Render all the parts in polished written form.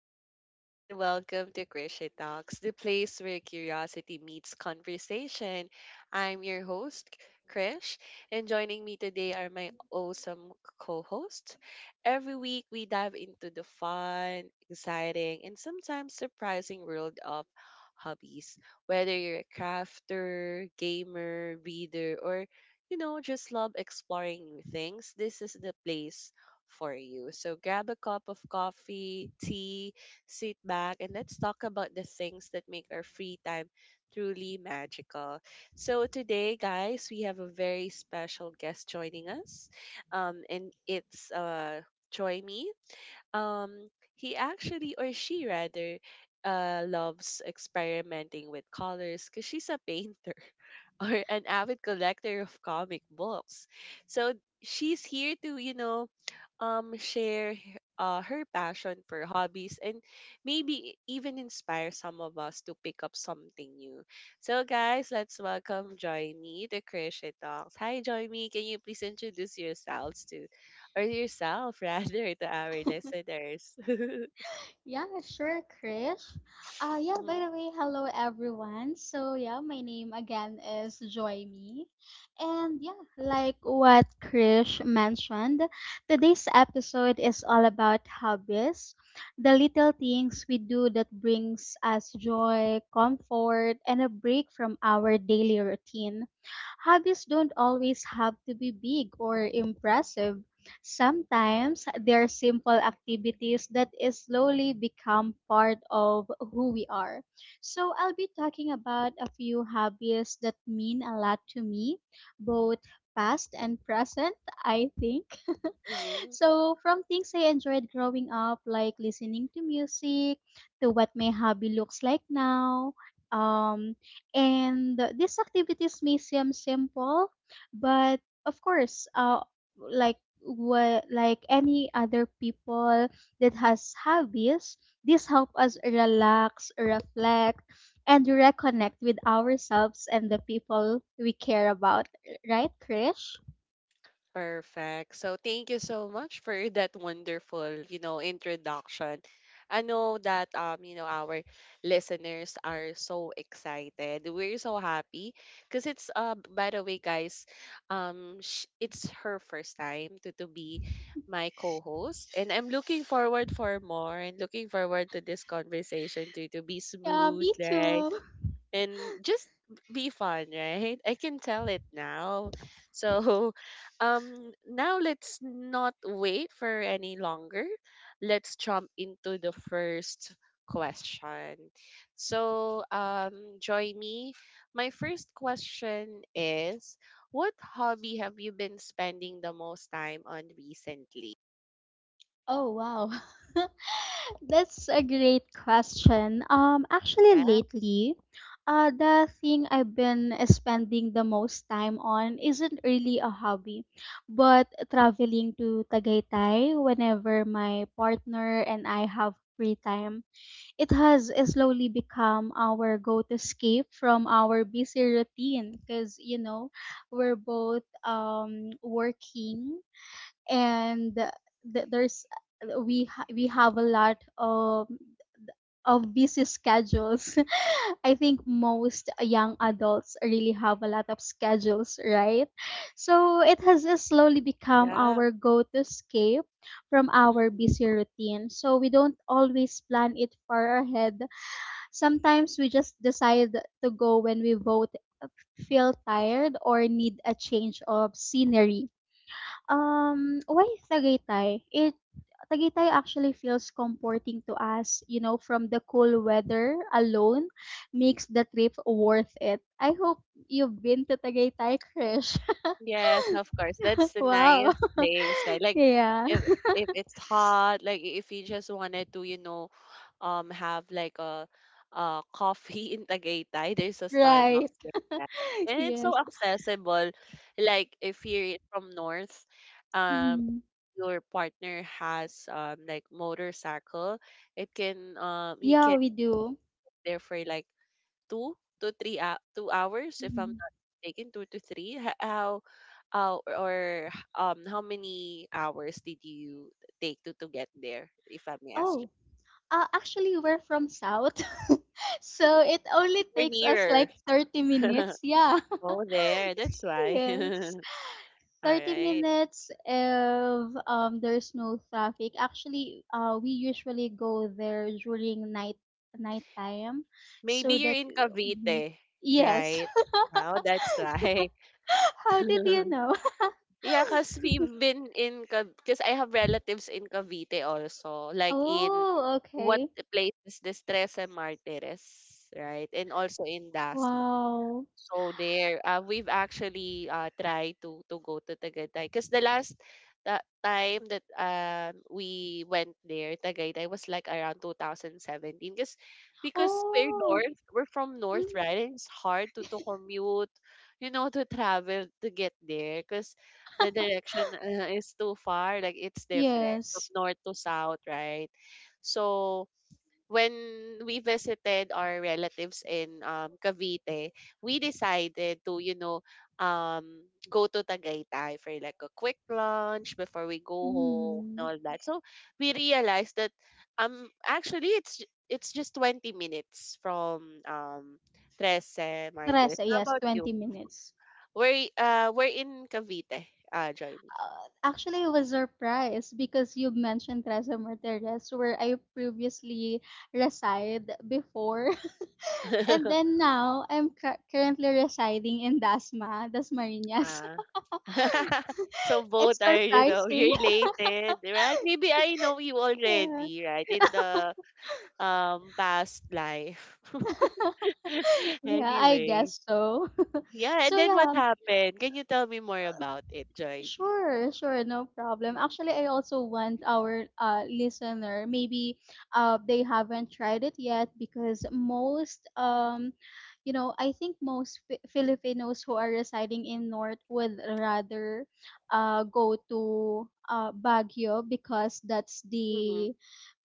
everyone, and welcome to Krisha Talks, the place where curiosity meets conversation. I'm your host, Krish, and joining me today are my awesome co hosts. Every week, we dive into the fun, exciting, and sometimes surprising world of hobbies. Whether you're a crafter, gamer, reader, or just love exploring new things. This is the place for you. So grab a cup of coffee, tea, sit back, and let's talk about the things that make our free time truly magical. So today, guys, we have a very special guest joining us, and it's Joy Me. Um, he actually, or she rather, loves experimenting with colors because she's a painter or an avid collector of comic books. So she's here to, share her passion for hobbies and maybe even inspire some of us to pick up something new. So, guys, let's welcome Joyme to Crochet Talks. Hi, Joyme. Can you please introduce yourselves to, or yourself rather, to our listeners? Yeah, sure, Krish. Yeah, by the way, hello everyone. My name again is Joy Me. And like what Krish mentioned, today's episode is all about hobbies, the little things we do that brings us joy, comfort, and a break from our daily routine. Hobbies don't always have to be big or impressive. Sometimes they're simple activities that is slowly become part of who we are. So I'll be talking about a few hobbies that mean a lot to me, both past and present, I think. Mm-hmm. So, from things I enjoyed growing up, like listening to music, to what my hobby looks like now. Um, and these activities may seem simple, but of course, like what like any other people that has hobbies, this help us relax, reflect, and reconnect with ourselves and the people we care about. Right, Krish? Perfect. So thank you so much for that wonderful, introduction. I know that our listeners are so excited. We're so happy because by the way, guys, it's her first time to be my co-host and I'm looking forward for more and looking forward to this conversation to be Yeah, smooth, me right? too. And just be fun, right? I can tell it now. So, now let's not wait for any longer. Let's jump into the first question. So, join me. My first question is, what hobby have you been spending the most time on recently? Oh wow. That's a great question. Actually Yeah, lately, uh the thing I've been spending the most time on isn't really a hobby, but traveling to Tagaytay whenever my partner and I have free time. It has slowly become our go-to escape from our busy routine because you know, we're both working and th- there's we have a lot of busy schedules. I think most young adults really have a lot of schedules, right? So it has just slowly become yeah. our go-to escape from our busy routine. So we don't always plan it far ahead. Sometimes we just decide to go when we both feel tired or need a change of scenery. Why Tagaytay? It Tagaytay actually feels comforting to us, you know, from the cool weather alone makes the trip worth it. I hope you've been to Tagaytay, Krish. Yes, of course. That's the Wow. nice place. I like Yeah. if if it's hot, like if you just wanted to, have like a coffee in Tagaytay, there's a Right. Starbucks there, right? And it's so Yes. accessible. Like if you're from north, um Mm. your partner has like motorcycle, it can he Yeah, can we do. there for like two to three 2 hours if I'm Mhm. not mistaken, two to three. How how many hours did you take to get there if I may ask Oh, actually, we're from South. you? So it only We're takes us nearer. like 30 minutes. Yeah. Oh there, that's why. Yes. All 30 right, minutes if there's no traffic. Actually, we usually go there during night time maybe so you're that in Mhm. Cavite, Yes. right? Oh, that's why. How did you know? Yeah, because we've been in, because I have relatives in Cavite also, like in Oh, what okay. place is this, Trece Martires, right? And also in Dasma. Wow. So there, we've actually tried to go to Tagaytay because the last time that we went there, Tagaytay, was like around 2017. Because we're Oh. north, we're from north, Mm, right? And it's hard to commute, you know, to travel to get there because the direction is too far. Like it's different from yes. north to south, right? So when we visited our relatives in Cavite, we decided to, um, go to Tagaytay for like a quick lunch before we go home and Mm. all that. So we realized that actually it's just 20 minutes from Trece Martires. Trece, How yes, about you? 20 minutes. We're in Cavite, Johnny. Actually I was surprised because you mentioned Trece Martires where I previously reside before. And then now I'm currently residing in Dasma, Dasmariñas. So It's both are, you know, surprising. related, right? Maybe I know you Yeah. already, right? In the past life. Yeah, I Anyway. guess so. Yeah, and So then what happened? Can you tell me more about it, Joybe? sure, sure, no problem. Actually, I also want our listener, maybe they haven't tried it yet because most you know, I think most Filipinos who are residing in North would rather go to Baguio because that's Mm-hmm. the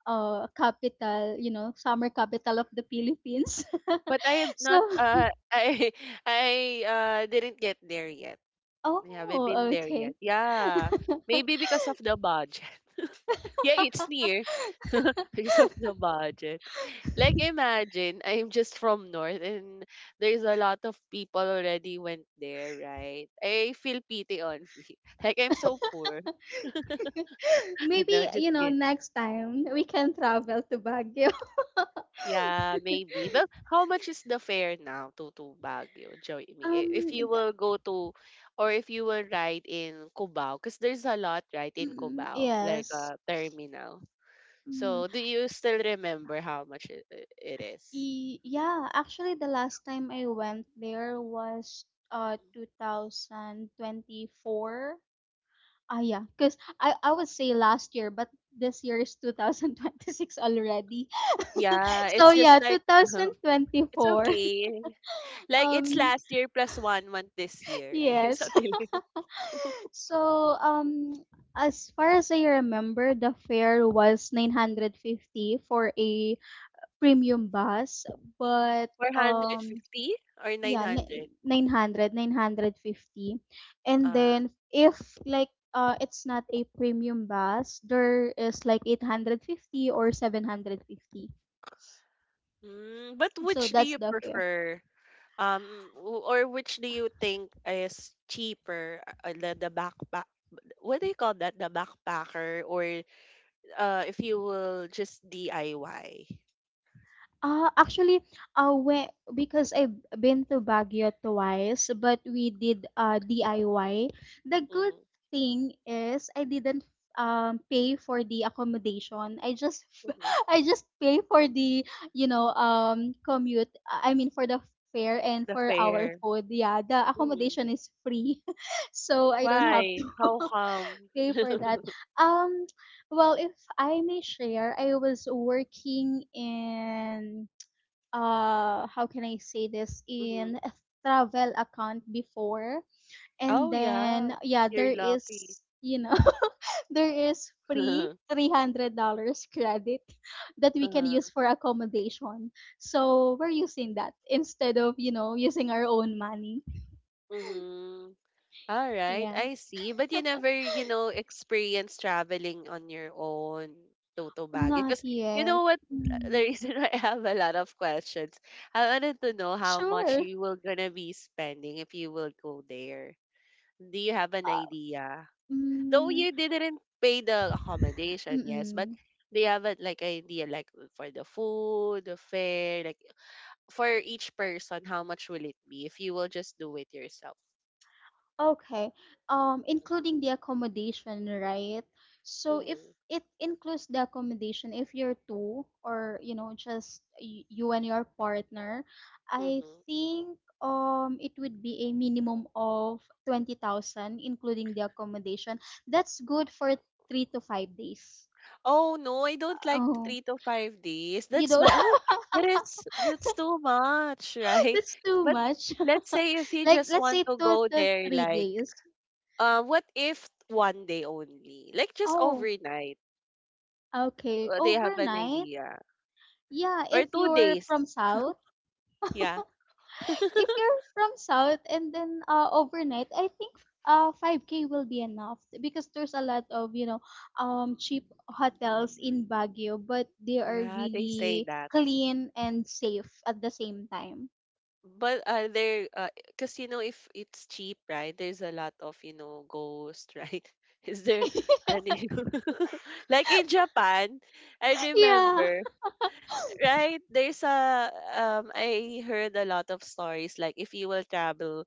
capital, you know, summer capital of the Philippines. But I am So, not I didn't get there yet. I haven't been oh, there yet. okay. Yeah. Maybe because of the budget. Yeah, it's near. Because of the budget. Like imagine I'm just from north and there's a lot of people already went there, right? I feel pity on me. Like I'm so poor. No, Maybe, just you know, kidding. next time we can travel to Baguio. Yeah, maybe. Well, how much is the fare now to Baguio? Join me. If Um, you th- will go to, or if you will ride in Cubao, because there's a lot right in mm, Cubao, like yes. a terminal. Mm, So, do you still remember how much it is? Yeah, actually the last time I went there was 2024. Ah, yeah. Because I would say last year, but this year is 2026 already. Yeah, So, it's just yeah, like it's 2024. okay. Like it's Um, last year plus 1 month this year, right? yes. Something like So, as far as I remember, the fare was 950 for a premium bus, but um. 450 or Yeah, ni 900. nine hundred fifty. And Uh, then if like it's not a premium bus, there is like 850 or 750. But So which do that's you the fare. prefer? Or which do you think is cheaper, the backpack? What do you call that? The backpacker, or if you will just DIY. Ah, actually, uh, we, because I've been to Baguio twice, but we did DIY. The good Mm-hmm. thing is I didn't pay for the accommodation. I just Mm-hmm. I just pay for the you know commute. I mean for the fare and The for our fair. food. Yeah, the Mm-hmm. accommodation is free, so I don't have Why? How to come? pay for that. Um, if I may share, I was working in how can I say this Mm-hmm. in a travel account before Oh and yeah, then there you're lucky. is you know there is free Uh-huh. $300 credit that we can use for accommodation, so we're using that instead of you know using our own money. Mm-hmm. All right, Yeah. I see. But you never, you know, experience traveling on your own to Baguio. Not Because you yet. know what? The Mm. reason why I have a lot of questions, I wanted to know how much Sure. you will gonna be spending if you will go there. Do you have an uh, idea? Though mm, you didn't pay the accommodation, yes, but mm-mm. do you have a, like idea like for the food, the fare, like for each person, how much will it be if you will just do it yourself? Okay. Including the accommodation, right? So if Mm-hmm. it includes the accommodation, if you're two or you know just you and your partner, I Mm-hmm. think it would be a minimum of 20,000, including the accommodation. That's good for 3 to 5 days. Oh, no, I don't like Oh, 3 to 5 days. you That's don't. why, oh, that is, that's too much, right? That's too But much. let's say if you Like just let's want say to two go to there, three like, days. What if 1 day only? Like, just Oh, overnight. okay. They have an Overnight. idea. Yeah, Or if two you're days. from South, Yeah. if you're from South and then overnight, I think 5K will be enough because there's a lot of, you know, cheap hotels in Baguio, but they are Yeah, they say really that. clean and safe at the same time. But are there, because you know, if it's cheap, right? There's a lot of, you know, ghosts, right? Is there any, like in Japan, I Yeah, remember, right? There's a, I heard a lot of stories, like if you will travel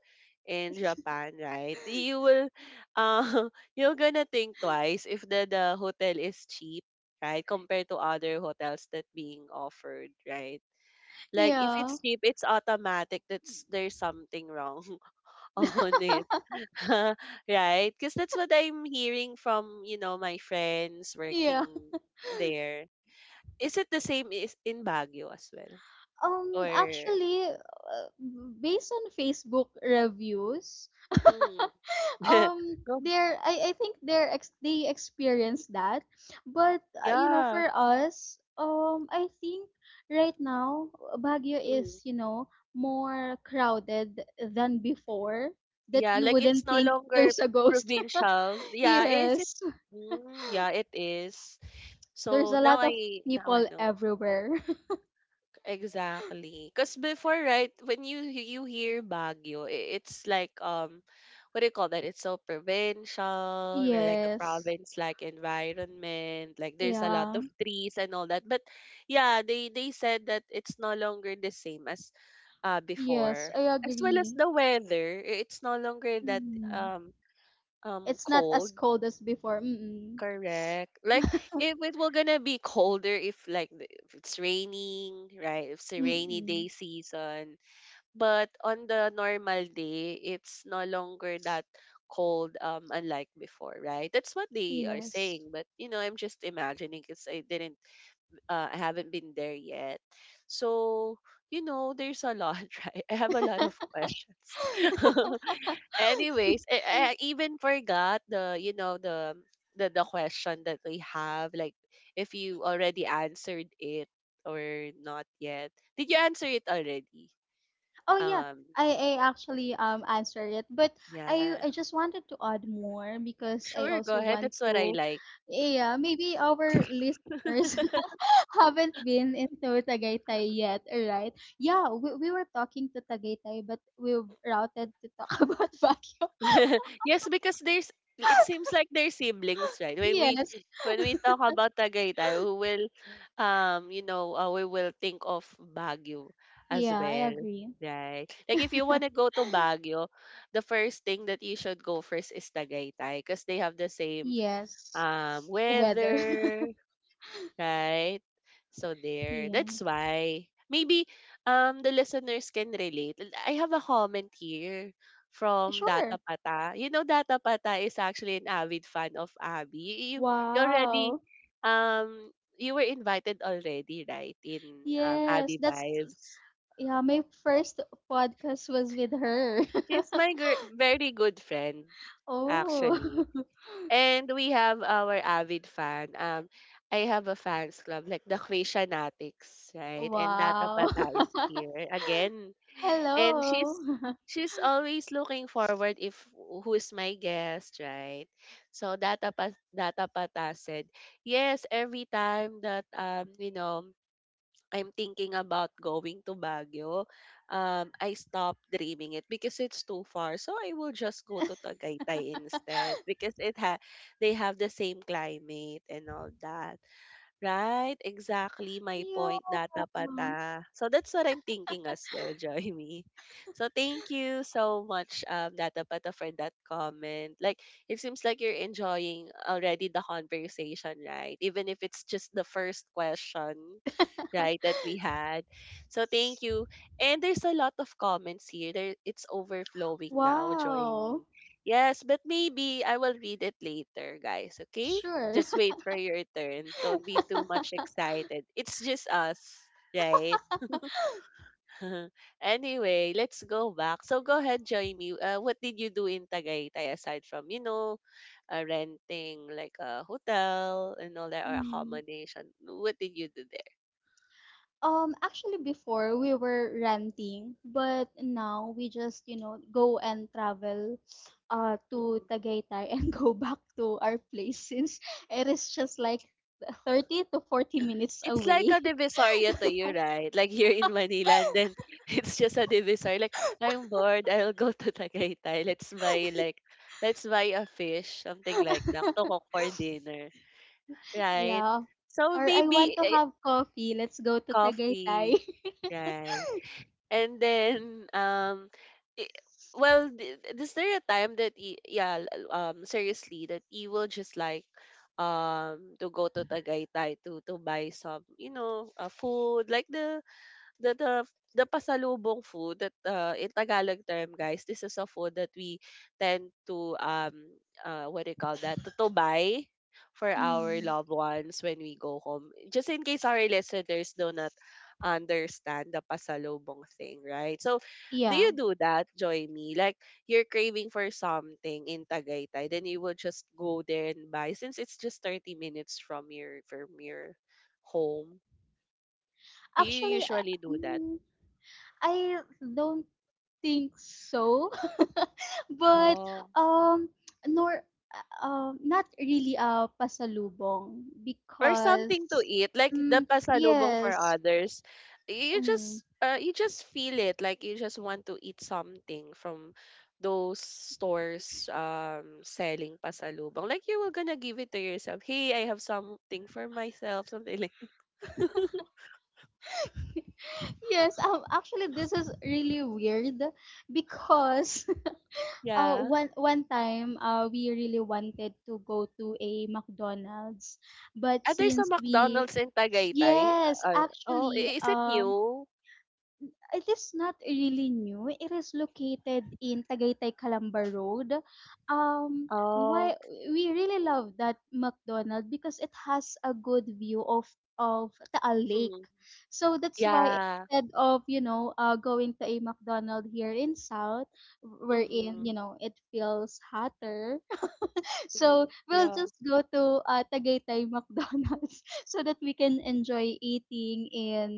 in Japan, right? You will, uh, you're gonna think twice if the hotel is cheap, right? Compared to other hotels that being offered, right? Like if yeah, it's cheap, it's automatic that's there's something wrong on it. Right? Because that's what I'm hearing from, you know, my friends working yeah. there. Is it the same is in Baguio as well? Or Actually, based on Facebook reviews, mm, no, they're I think they're they experience that, but you know yeah. for us I think right now Baguio Mm, is you know more crowded than before, that yeah, you like it's wouldn't no think longer there's a ghost. provincial. Yeah, is it Yes. mm, yeah, it is. There's So a lot of now I people know. everywhere. Exactly. Because before, right, when you hear Baguio, it's like what do you call that? It's so provincial, or like a Yes. province like environment, like there's a lot Yeah. of trees and all that. But yeah, they said that it's no longer the same as Yes, before. I As well as agree. the weather, it's no longer that Mm. um It's not as cold. cold as before. Mm. Correct. Like if it will gonna be colder if if it's raining, right? If it's a rainy day Mm. season. But on the normal day, it's no longer that cold unlike before, right? That's what they are Yes. saying, but you know, I'm just imagining because I didn't I haven't been there yet. So, you know, there's a lot, right? I have a lot of questions. Anyways, I even forgot the the the question that we have, like if you already answered it or not yet. Did you answer it already? Oh yeah, Um I actually answer it, but yeah. I just wanted to add more because I Sure, go also ahead. want That's what I to, like. yeah, maybe our listeners haven't been into Tagaytay yet, right? Yeah, we were talking to Tagaytay, but we routed to talk about Baguio. Yes, because there's it seems like they're siblings, right? Yes, When we talk about Tagaytay, we will we will think of Baguio as yeah, I well, agree. right? Like if you want to go to Baguio, the first thing that you should go first is Tagaytay because they have the same Yes, weather. weather, right? So there. Yeah, That's why maybe the listeners can relate. I have a comment here from sure. Data Pata. You know Data Pata is actually an avid fan of Abby. You already Wow. um you were invited already, right? In Yes, Abby that's. Vibes. Yeah, my first podcast was with her. She's my very good friend Oh. actually. And we have our avid fan. I have a fans club, like the Quesianatics, right? And Data Wow. Pata is here again. And Hello. She's always looking forward if who's my guest, right? So Data Pata said, yes, every time that, I'm thinking about going to Baguio, I stopped dreaming it because it's too far. So I will just go to Tagaytay instead because it ha they have the same climate and all that. Right, exactly my point, Yeah. data pata. So that's what I'm thinking as well, Joyme. So thank you so much, data pata, for that comment. Like, it seems like you're enjoying already the conversation, right? Even if it's just the first question, right, that we had. So thank you. And there's a lot of comments here. There, it's overflowing now, Wow. Joyme. Yes, but maybe I will read it later, guys. Okay. Sure. Just wait for your turn. Don't be too much excited. It's just us, right? Anyway, let's go back. So go ahead, join me. What did you do in Tagaytay aside from, you know, renting like a hotel and all that or Mm. accommodation? What did you do there? Actually, before we were renting, but now we just, you know, go and travel to Mm-hmm. Tagaytay and go back to our place since it is just like 30 to 40 minutes It's like away. a divisoria to you, right? Like here in Manila, and then it's just a divisoria. Like, I'm bored, I'll go to Tagaytay. Let's buy like, let's buy a fish, something like that, to cook for dinner, right? Yeah, So or I maybe want to eh, have coffee, let's go to Tagaytay. coffee, right? And then, i- well, is there a time that, yeah, seriously, that you will just like, to go to Tagaytay to buy some you know food like the the pasalubong food that in Tagalog term, guys, this is a food that we tend to what do you call that, to buy for our Mm. loved ones when we go home, just in case our listeners do not understand the pasalubong thing, right? So do Yeah. you do that, join me? Like, you're craving for something in Tagaytay, then you will just go there and buy since it's just 30 minutes from your home. Do you Actually, usually do that? mm, I don't think so. But Oh, um nor not really a pasalubong or because something to eat, like the mm, pasalubong for yes. others. Mm, You just feel it, like you just want to eat something from those stores selling pasalubong. Like you were gonna give it to yourself. Hey, I have something for myself, something like yes, actually this is really weird because yeah. one time, we really wanted to go to a McDonald's, but Ah, there's a since we, McDonald's in Tagaytay. yes, actually, Is it new? it is not really new. It is located in Tagaytay, Calamba Road. Um, Oh, why we really love that McDonald because it has a good view of Taal Lake. mm, So that's why yeah. instead of you know going to a McDonald here in South, Mm-hmm, wherein you know it feels hotter, mm-hmm, so we'll yeah. just go to Tagaytay McDonald's so that we can enjoy eating in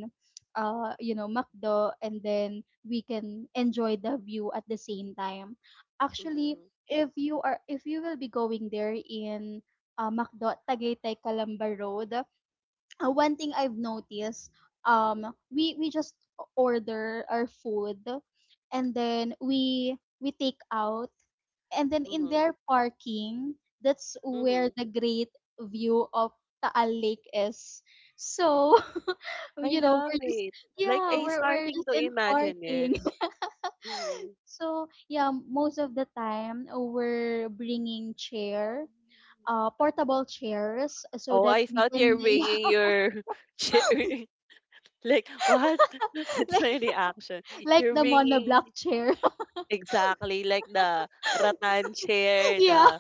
you know McDo and then we can enjoy the view at the same time. Actually, Mm-hmm, if you are if you will be going there in McDo at Tagaytay Calamba Road, one thing I've noticed um we just order our food and then we take out and then in mm-hmm, their parking, that's mm-hmm. where the great view of Taal Lake is. So, I you know, love we're just it. Like yeah, I we're starting just to in imagine it. parking. Mhm. So, yeah, most of the time we're bringing chair, portable chairs so Oh, that I we thought can you're yeah, bringing your chair. Like what? That's like my reaction. like You're the bringing monoblock chair. exactly like the rattan chair, Yeah. the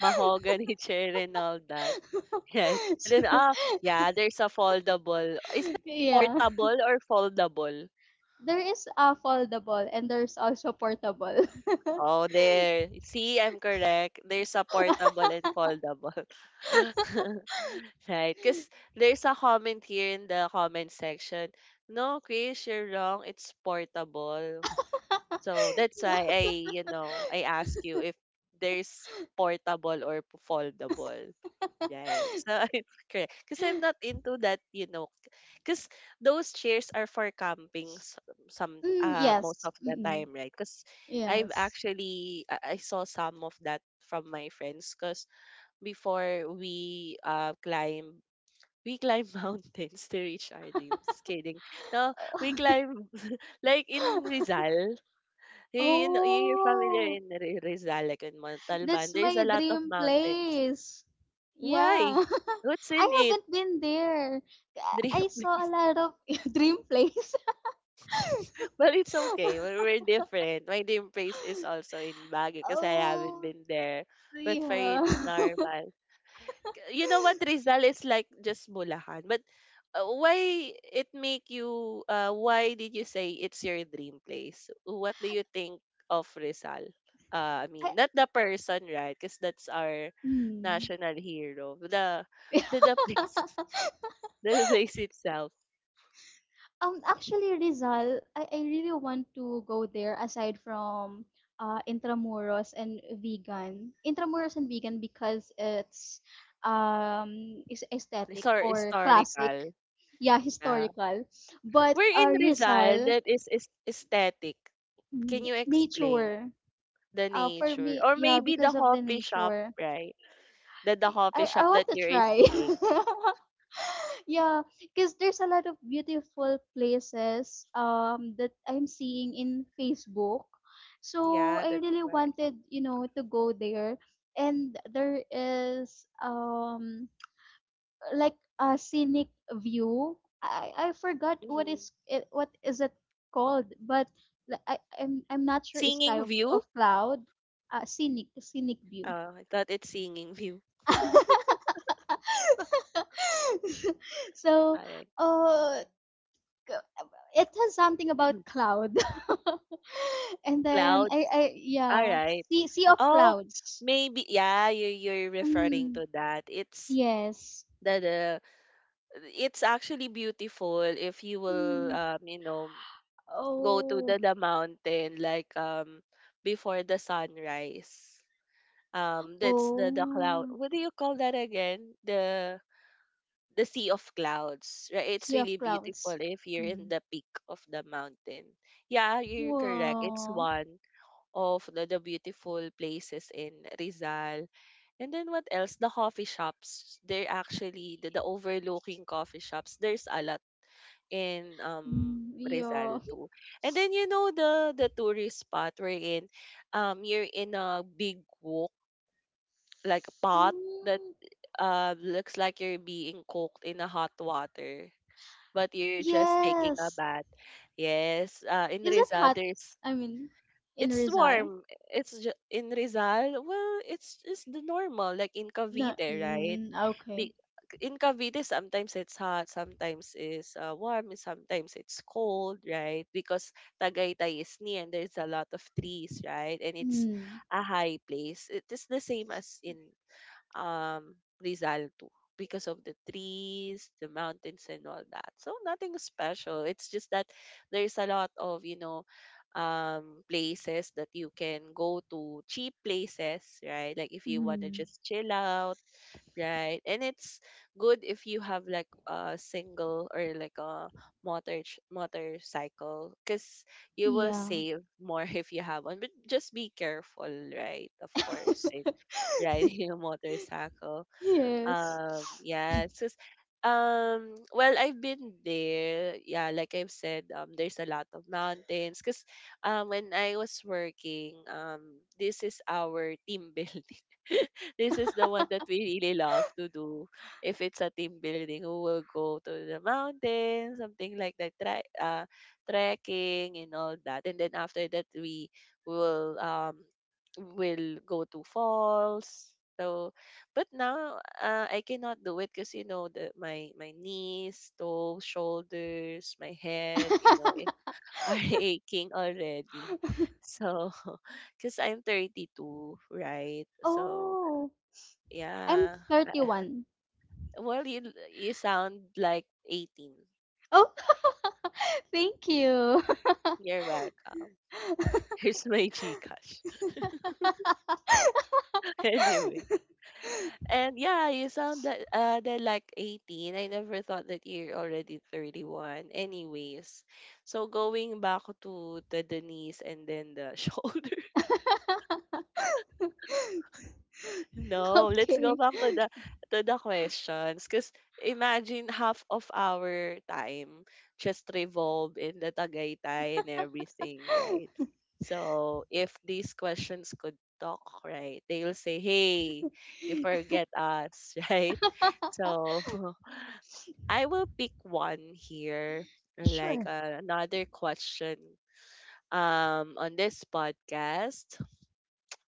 mahogany chair, and all that. Right? And then So, ah, yeah, there's a foldable. Is it yeah. portable or foldable? There is a foldable and there's also portable. Oh, there. See, I'm correct. There's a portable and foldable. Right, because there's a comment here in the comment section. No, Chris, you're wrong. It's portable. So that's why I, you know, I ask you if there's portable or foldable. Right. So I'm correct. Because I'm not into that, you know, because those chairs are for camping some Mm, most yes. of the Mm-mm. time, right? Because I've Yes. actually I I saw some of that from my friends because before we climb, we climb mountains to reach our dreams. Kidding. No, we climb like in Rizal. You know, you're familiar Oh, in Rizal, like in Montalban. that's There's my a lot of dream mountains. place. Yeah. Why? What's I in it? haven't been there. I Dream saw place. a lot of dream place. But it's okay. We're, we're different. My dream place is also in Baguio because I haven't Oh, been there. But for you, yeah. it's normal. You know what Rizal is like, just Bulahan, but why it make you why did you say it's your dream place? What do you think of Rizal? I I, mean not the person, right? Because that's our mm. national hero. The place the place itself. Actually, Rizal, I really want to go there aside from Intramuros and vegan. Intramuros and vegan because it's is It's aesthetic our or classic, historical, yeah, yeah. historical. But We're in Rizal Rizal, that is aesthetic. Can you explain nature. the For nature, me, or yeah, maybe the because of the coffee shop, nature, right? The coffee shop I want that to you're try. seeing. Yeah, because there's a lot of beautiful places that I'm seeing in Facebook. So Yeah, I that's really right. wanted, you know, to go there. And there is like a scenic view. I forgot Hmm. What is it called, but I'm not sure it's sky Singing view? of cloud. Scenic view. Oh, I thought it's singing view. So All right. uh uh, it has something about cloud and then Clouds. I All yeah right. sea of Oh, clouds maybe yeah, you you're referring mm, to that. It's yes the it's actually beautiful if you will mm, you know go to oh the mountain like before the sunrise. That's the cloud. oh What do you call that again? The sea of clouds, right? It's sea of really beautiful clouds if you're in mm. the peak of the mountain. Yeah, you're correct. It's Wow. one of the beautiful places in Rizal. And then what else? The coffee shops. They're actually the overlooking coffee shops. There's a lot in Mm, yeah. Rizal too. And then you know the tourist spot we're in, you're in a big wok like a pot that Mm, looks like you're being cooked in a hot water, but you're just taking a yes. bath. Yes, in Is it Rizal, hot? there's I mean in it's Rizal? warm. It's in Rizal. Well, it's just the normal, like in No. Cavite, right? Mm, okay. Be- in Cavite, sometimes it's hot, sometimes it's warm, and sometimes it's cold, right? Because Tagaytay is near and there's a lot of trees, right? And it's Mm. a high place. It is the same as in um, Rizal too because of the trees, the mountains, and all that. So nothing special. It's just that there's a lot of you know places that you can go to, cheap places, right? Like if you want to Mm. just chill out, right? And it's good if you have like a single or like a motor motorcycle because you will Yeah. save more if you have one, but just be careful, right? Of course. And riding a motorcycle. Yes. Yeah, it's just, well, I've been there. Yeah, like I've said, there's a lot of mountains. Cause, when I was working, this is our team building. This is the one that we really love to do. If it's a team building, we will go to the mountains, something like that, trekking and all that. And then after that, we will um will go to falls. So but now, I cannot do it because you know the my knees, toes, shoulders, my head, you know, eh, are aching already. So, because I'm 32, right? So Oh, I'm yeah. 31. Well, you you sound like 18. Oh. Thank you. You're welcome. Here's my Gcash. Anyway, and yeah, you sound like they're like 18. I never thought that you're already 31. Anyways, so going back to the knees and then the shoulder. No, let's go Okay. back to the questions. Cause imagine half of our time just revolve in the Tagaytay and everything, right? So if these questions could talk, right, they'll say, Hey, you forget us, right? So I will pick one here, like Sure. Another question on this podcast.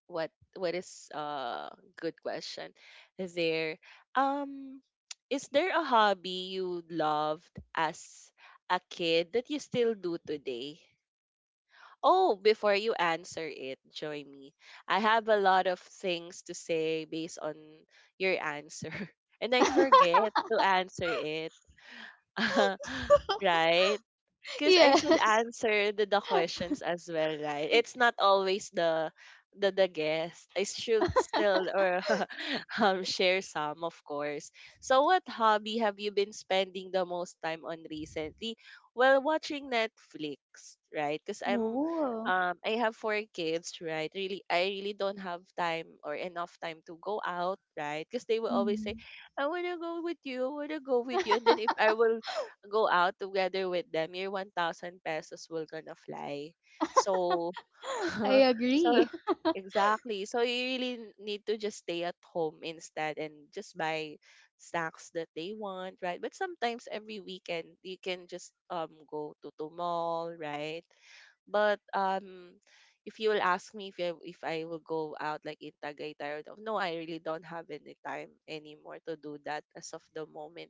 What what is good question there? Um is there a hobby you loved as a kid that you still do today? Oh, before you answer it, join me. I have a lot of things to say based on your answer. And I forget to answer it. Right? Because I should Yes. answer the questions as well, right? It's not always the guest. I should still or share some, of course. So what hobby have you been spending the most time on recently? Well, watching Netflix, right? Because I'm Oh. I have 4 kids, right? Really I really don't have time or enough time to go out, right? Because they will always say, Mm. I wanna go with you, I wanna go with you. And then if I will go out together with them, your 1,000 pesos will gonna fly. So, I so agree. exactly. So you really need to just stay at home instead and just buy snacks that they want, right? But sometimes every weekend you can just go to the mall, right? But if you will ask me if I will go out like in Tagaytay or no, I really don't have any time anymore to do that as of the moment.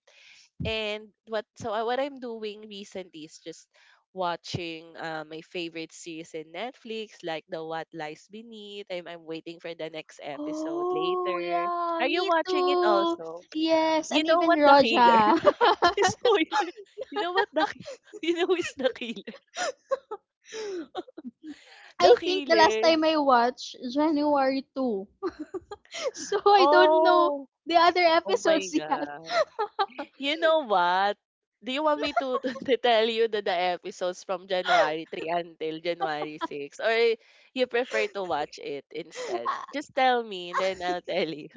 And what so what I'm doing recently is just watching my favorite series in Netflix, like the What Lies Beneath. I'm waiting for the next episode Oh, later. yeah, Are you me watching it too. also? Yes, You and know even what the killer? Roja. Spoiler. You know what the you know who is the killer? The I think the last killer. time I watched January 2. So I don't know Oh, the other oh my episodes yet. god. You know what? Do you want me to, to, tell you the episodes from January 3 until January 6? Or you prefer to watch it instead? Just tell me and then I'll tell you.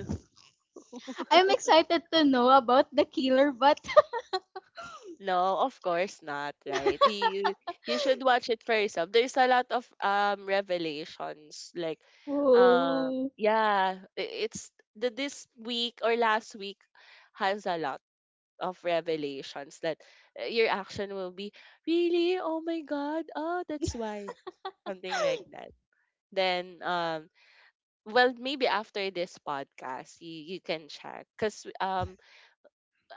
I'm excited to know about the killer, but No, of course not, right? You should watch it for yourself. There's a lot of revelations like um oh, yeah, it's the this week or last week has a lot of revelations that your action will be really, oh my god, oh that's why, something like that. Then well maybe after this podcast you can check because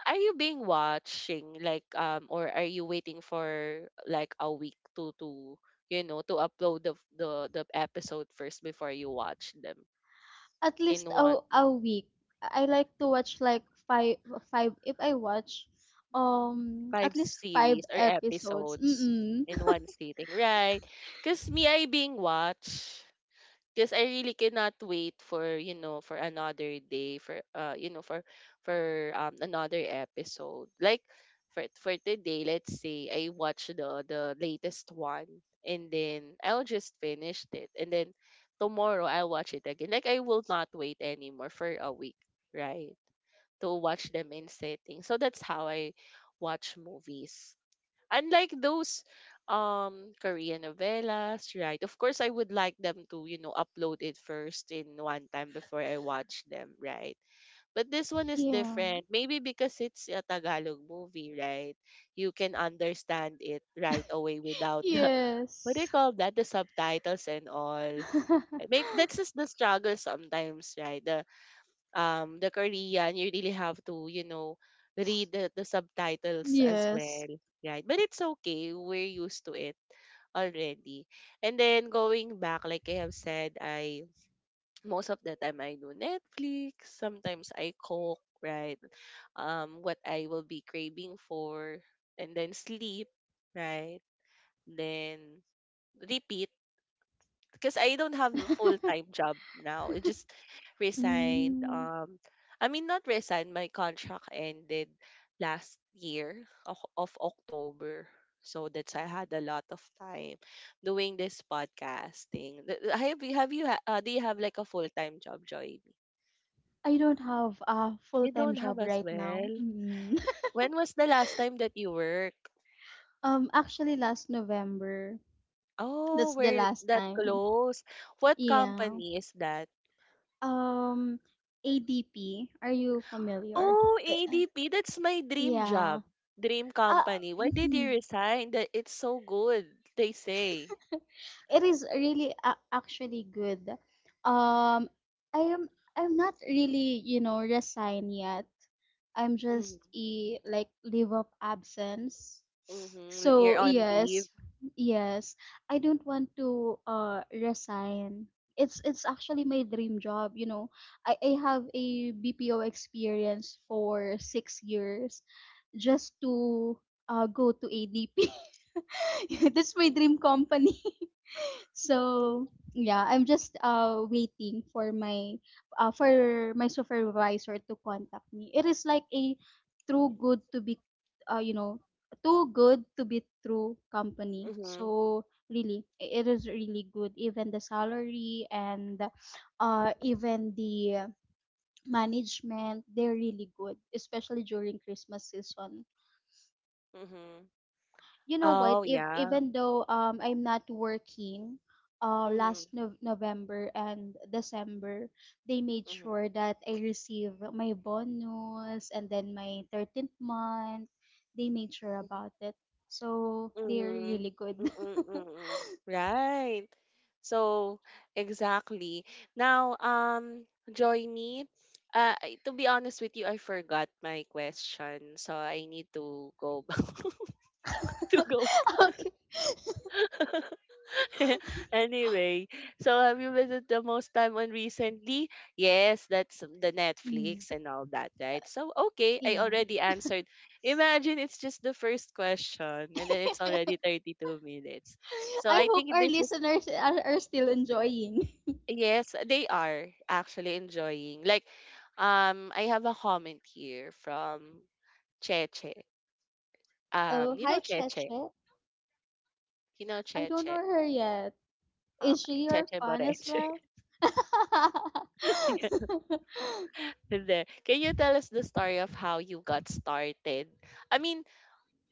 are you being watching like or are you waiting for like a week to you know to upload the episode first before you watch them at in least one a week. I like to watch like five if I watch at five least five series or episodes. episodes Mm-mm. in one sitting, right? Because me, I being watched. Because I really cannot wait for for another day for you know for for another episode like for today, let's say I watch the latest one, and then I'll just finish it, and then tomorrow I'll watch it again. Like I will not wait anymore for a week, right, to watch them in setting. So that's how I watch movies, unlike those Korean novellas, right? Of course, I would like them to, you know, upload it first in one time before I watch them, right? But this one is Yeah. different. Maybe because it's a Tagalog movie, right? You can understand it right away without the what do Yes. you call that? The subtitles and all. Maybe that's just the struggle sometimes, right? The Korean, you really have to, you know, read the subtitles as Yes. well, right? But it's okay. We're used to it already. And then going back, like I have said, I most of the time I do Netflix. Sometimes I cook, right? What I will be craving for, and then sleep, right? Then repeat, because I don't have a full-time job now. I just resigned. Mm, I mean, not resigned. My contract ended last year of October. So that's, I had a lot of time doing this podcasting. Have you do you have like a full-time job, Joy? I don't have a You full-time don't have job as right now. well. Mm. When was the last time that you worked? Actually last November, Oh, that's the we're last that time. close. What Yeah. company is that? Um, ADP, are you familiar? Oh, Uh, ADP, that's my dream yeah. job, dream Uh, company. Why did you resign? That it's so good, they say. It is really actually good. Um, I am I'm not really resigned yet. I'm Mm-hmm. just a like leave of absence. Mm-hmm. You're So on leave. yes, yes, I don't want to resign. It's actually my dream job. I have a BPO experience for 6 years just to go to ADP. That's my dream company. So yeah, I'm just waiting for my supervisor to contact me. It is like a true good to be you know too good to be true company. Mm-hmm. So really, it is really good. Even the salary and even the management, they're really good, especially during Christmas season. Mm-hmm. You know what, Oh, if yeah. even though I'm not working Mm-hmm. last November and december, they made Mm-hmm. sure that I receive my bonus and then my 13th month. They made sure about it, so they're Mm-hmm. really good. Mm-hmm. Right. So, exactly. Now, Joynie, I- to be honest with you, I forgot my question, so I need to go back to go. Okay. Anyway, so have you visited the most time on recently? Yes, that's the Mm, Netflix and all that, right? So okay, I yeah. already answered. Imagine it's just the first question and then it's already 32 minutes. So I I hope think our this is, listeners are still enjoying. yes, they are actually enjoying. Like I have a comment here from Cheche. Oh, You know hi Cheche. Cheche, You know I don't know Cheche. her yet. Is Okay, she your Cheche fan as Boreche. well? There. Can you tell us the story of how you got started? I mean,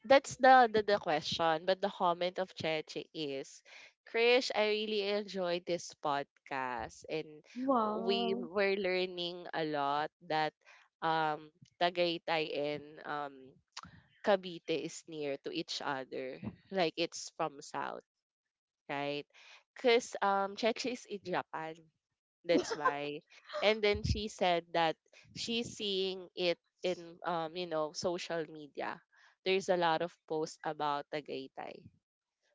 that's the question, but the comment of Cheche is, Krish, I really enjoyed this podcast and we Wow. were learning a lot that um Tagaytay and Cavite is near to each other. Like it's from south, right? Because Cheche is in Japan. That's why. And then she said that she's seeing it in you know, social media. There's a lot of posts about Tagaytay.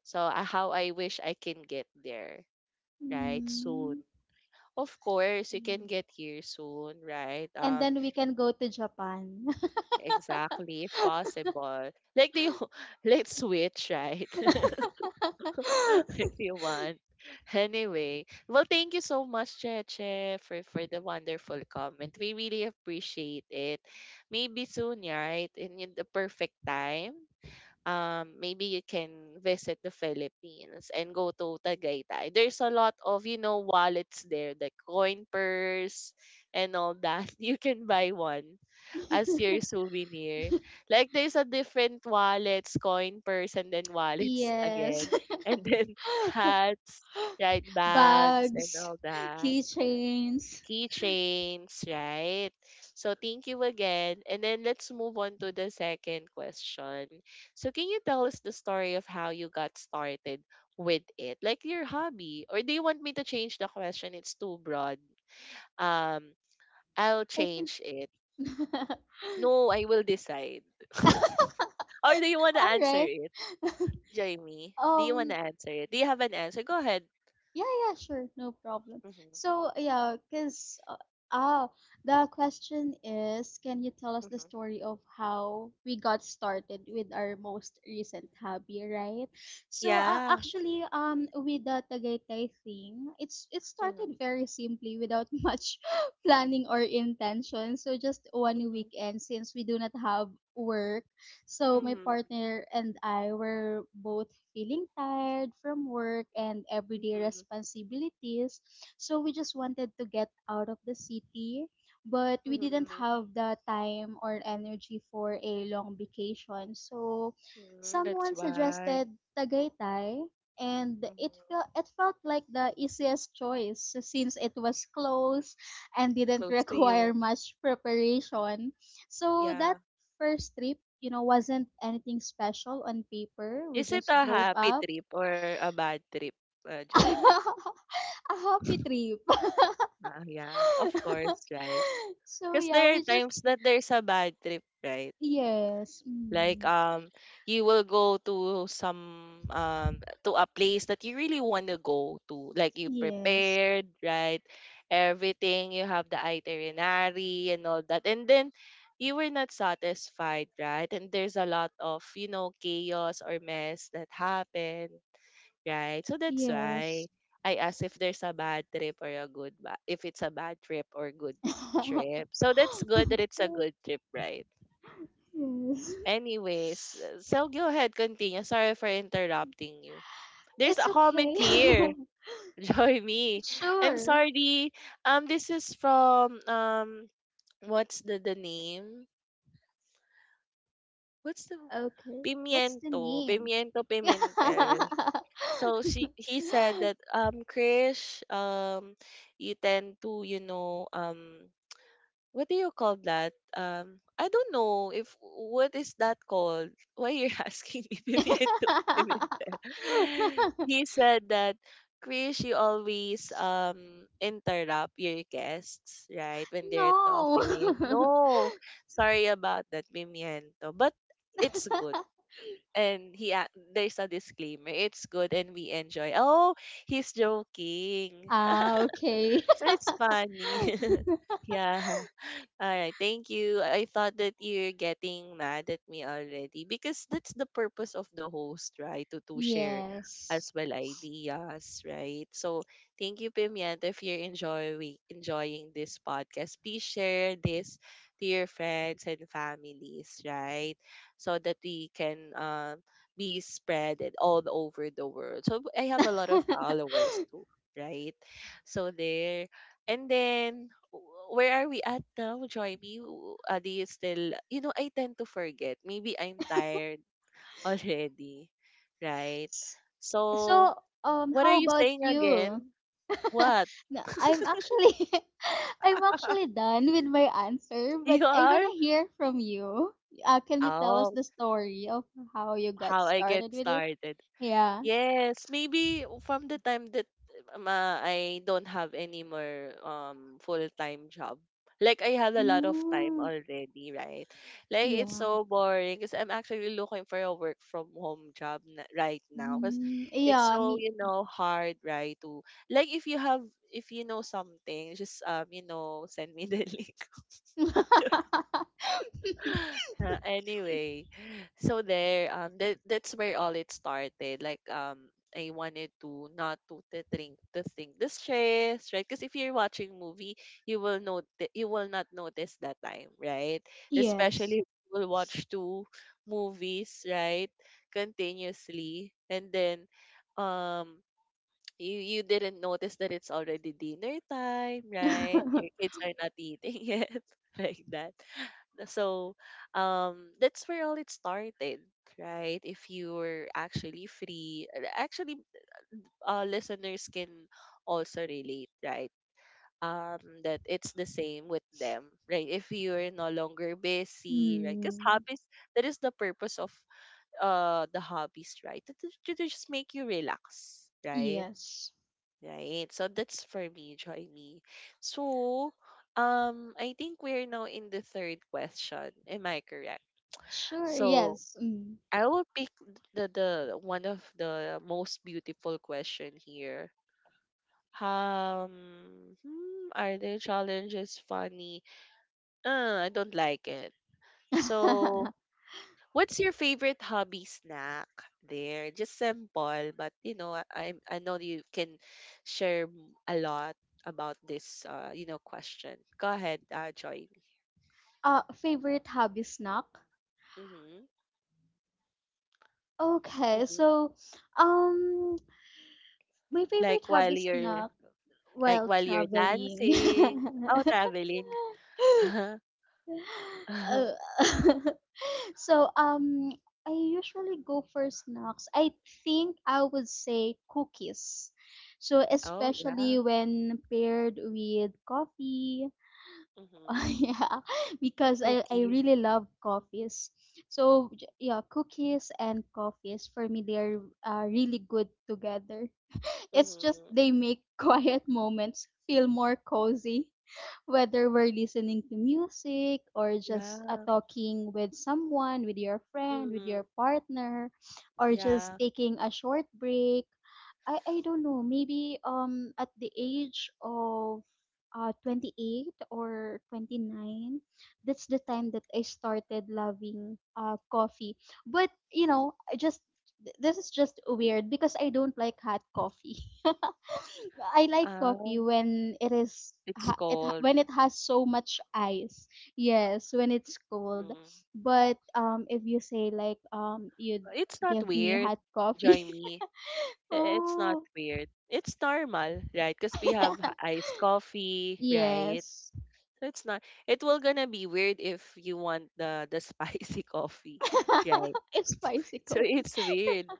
So how I wish I can get there, right? Soon. Mm. Of course, you can get here soon, right? And then we can go to Japan. Exactly, if possible. Like the let's switch, right? if you want. Anyway, well, thank you so much, Cheche, for the wonderful comment. We really appreciate it. Maybe soon, yeah, right? In the perfect time, maybe you can visit the Philippines and go to Tagaytay. There's a lot of, you know, wallets there, the coin purse and all that. You can buy one as your souvenir. Like there's a different wallets, coin purse, and then wallets Yes. again. And then hats, right, bags and Bags, all that. keychains. Keychains, right? So thank you again. And then let's move on to the second question. So can you tell us the story of how you got started with it? Like your hobby. Or do you want me to change the question? It's too broad. Um, I'll I think. change it. No, I will decide. Or do you want to All answer right. it, Jamie? Do you want to Um, answer it? Do you have an answer? Go ahead. Yeah, yeah, sure, no problem. Mm-hmm. So, yeah, because ah, the question is, can you tell us the Mm-hmm. story of how we got started with our most recent hobby, right? So, Yeah. actually, with the Tagaytay thing, it's it Mm-hmm. started very simply without much planning or intention. So, just one Mm-hmm. weekend since we do not have work, so my Mm-hmm. partner and I were both feeling tired from work and everyday Mm-hmm. responsibilities. So we just wanted to get out of the city, but we didn't Mm-hmm. have the time or energy for a long vacation. So Mm-hmm. That's someone why. suggested Tagaytay and it felt Mm-hmm. it felt like the easiest choice since it was close and didn't Close to require you. much preparation. So Yeah. that first trip, wasn't anything special on paper. We Is it just a drove happy up. trip or a bad trip, Jamie? A happy trip. Ah, yeah. Of course, right? So Because yeah, there are we just. times that there's a bad trip, right? Yes. Like Mm, you will go to some to a place that you really want to go to, like you yes. prepared, right, everything, you have the itinerary and all that, and then you were not satisfied, right, and there's a lot of, you know, chaos or mess that happened, right, so that's why Yes. I asked if there's a bad trip or a good if it's a bad trip or good trip. So that's good that it's a good trip, right? Yes. Anyways, so go ahead, continue. Sorry for interrupting you. There's It's a comment okay. here. Join me. I'm Sure. sorry. This is from what's the name? What's the Okay. What's the Pimiento, name? Pimiento Pimentel. So she he said that Krish you tend to, you know, what do you call that, I don't know if what is that called, why you're asking me Pimiento. He said that Chris, you always interrupt your guests, right? When they're No. talking. No, sorry about that, Pimiento. But it's good. And he a- there's a disclaimer. It's good and we enjoy. Oh, he's joking. Okay. So it's funny. yeah. All right, thank you. I thought that you're getting mad at me already because that's the purpose of the host, right? To share as Yes. well ideas, right? So thank you, Pimienta. If you're enjoying this podcast, please share this to your friends and families, right? So that we can be spread it all over the world. So I have a lot of followers too, right? So there. And then, where are we at now, Joy? Me, do you still, you know, I tend to forget. Maybe I'm tired already, right? S- So, so, what are how you about saying you? again? What? No, I'm actually, I'm actually done with my answer, but You I wanna are? hear from you. Can you tell us Oh, the story of how you got how I get started with it? started. Yeah. Yes, maybe from the time that I don't have any more full-time job. Like I have a lot of time Mm, already, right? Like it's yeah. so boring because I'm actually looking for a work from home job na right now because Mm, it's yeah. so, Me. you know, hard, right? To, like, if you have, if you know something, just you know, send me the link. Anyway, so there, that that's where all it started. Like, I wanted to not to think the stress, right? Because if you're watching movie, you will not notice that time, right? Yes. Especially if you will watch two movies, right, continuously, and then, um. You, you didn't notice that it's already dinner time, right? Your kids are not eating yet, like that. So that's where all it started, right? If you were actually free, and actually, listeners can also relate, right? Um, that it's the same with them, right? If you're no longer busy, right? Because Mm. hobbies, that is the purpose of the hobbies, right? To just make you relax, right? Yes. Right. So that's for me, joy me. So I think we're now in the third question. Am I correct? Sure, So yes. Mm. I will pick the one of the most beautiful question here. Are the challenges funny? I don't like it. So, what's your favorite hobby snack? There, just simple, but you know, I know you can share a lot about this you know question. Go ahead, join. Favorite hobby snack? Mm-hmm. Okay, Mm-hmm. so um my favorite Like while hobby you're, snack like while while you're traveling. dancing, oh traveling. Uh-huh, uh-huh. Uh, so I usually go for snacks. I think I would say cookies. So Oh, yeah. especially when paired with coffee. Mhm. Yeah, because I Cookies. really love coffees. So yeah, cookies and coffees for me, they're really good together. It's just Mhm. they make quiet moments feel more cozy, whether we're listening to music or just Yeah. talking with someone, with your friend, with Mhm. your partner, or just Yeah. taking a short break. I don't know, maybe at the age of 28 or 29, that's the time that I started loving coffee, but I just this is just weird because I don't like hot coffee. I like coffee Oh, when it is it's ha- it ha- cold. when it has so much ice, yes, when it's cold, Mhm. but if you say like you'd It's not give me weird. hot coffee. Join me. I- It's not Oh, weird. It's normal, right? Because we have iced coffee, right? Yes. So it's not. It will gonna be weird if you want the spicy coffee, right? It's spicy So coffee. it's weird.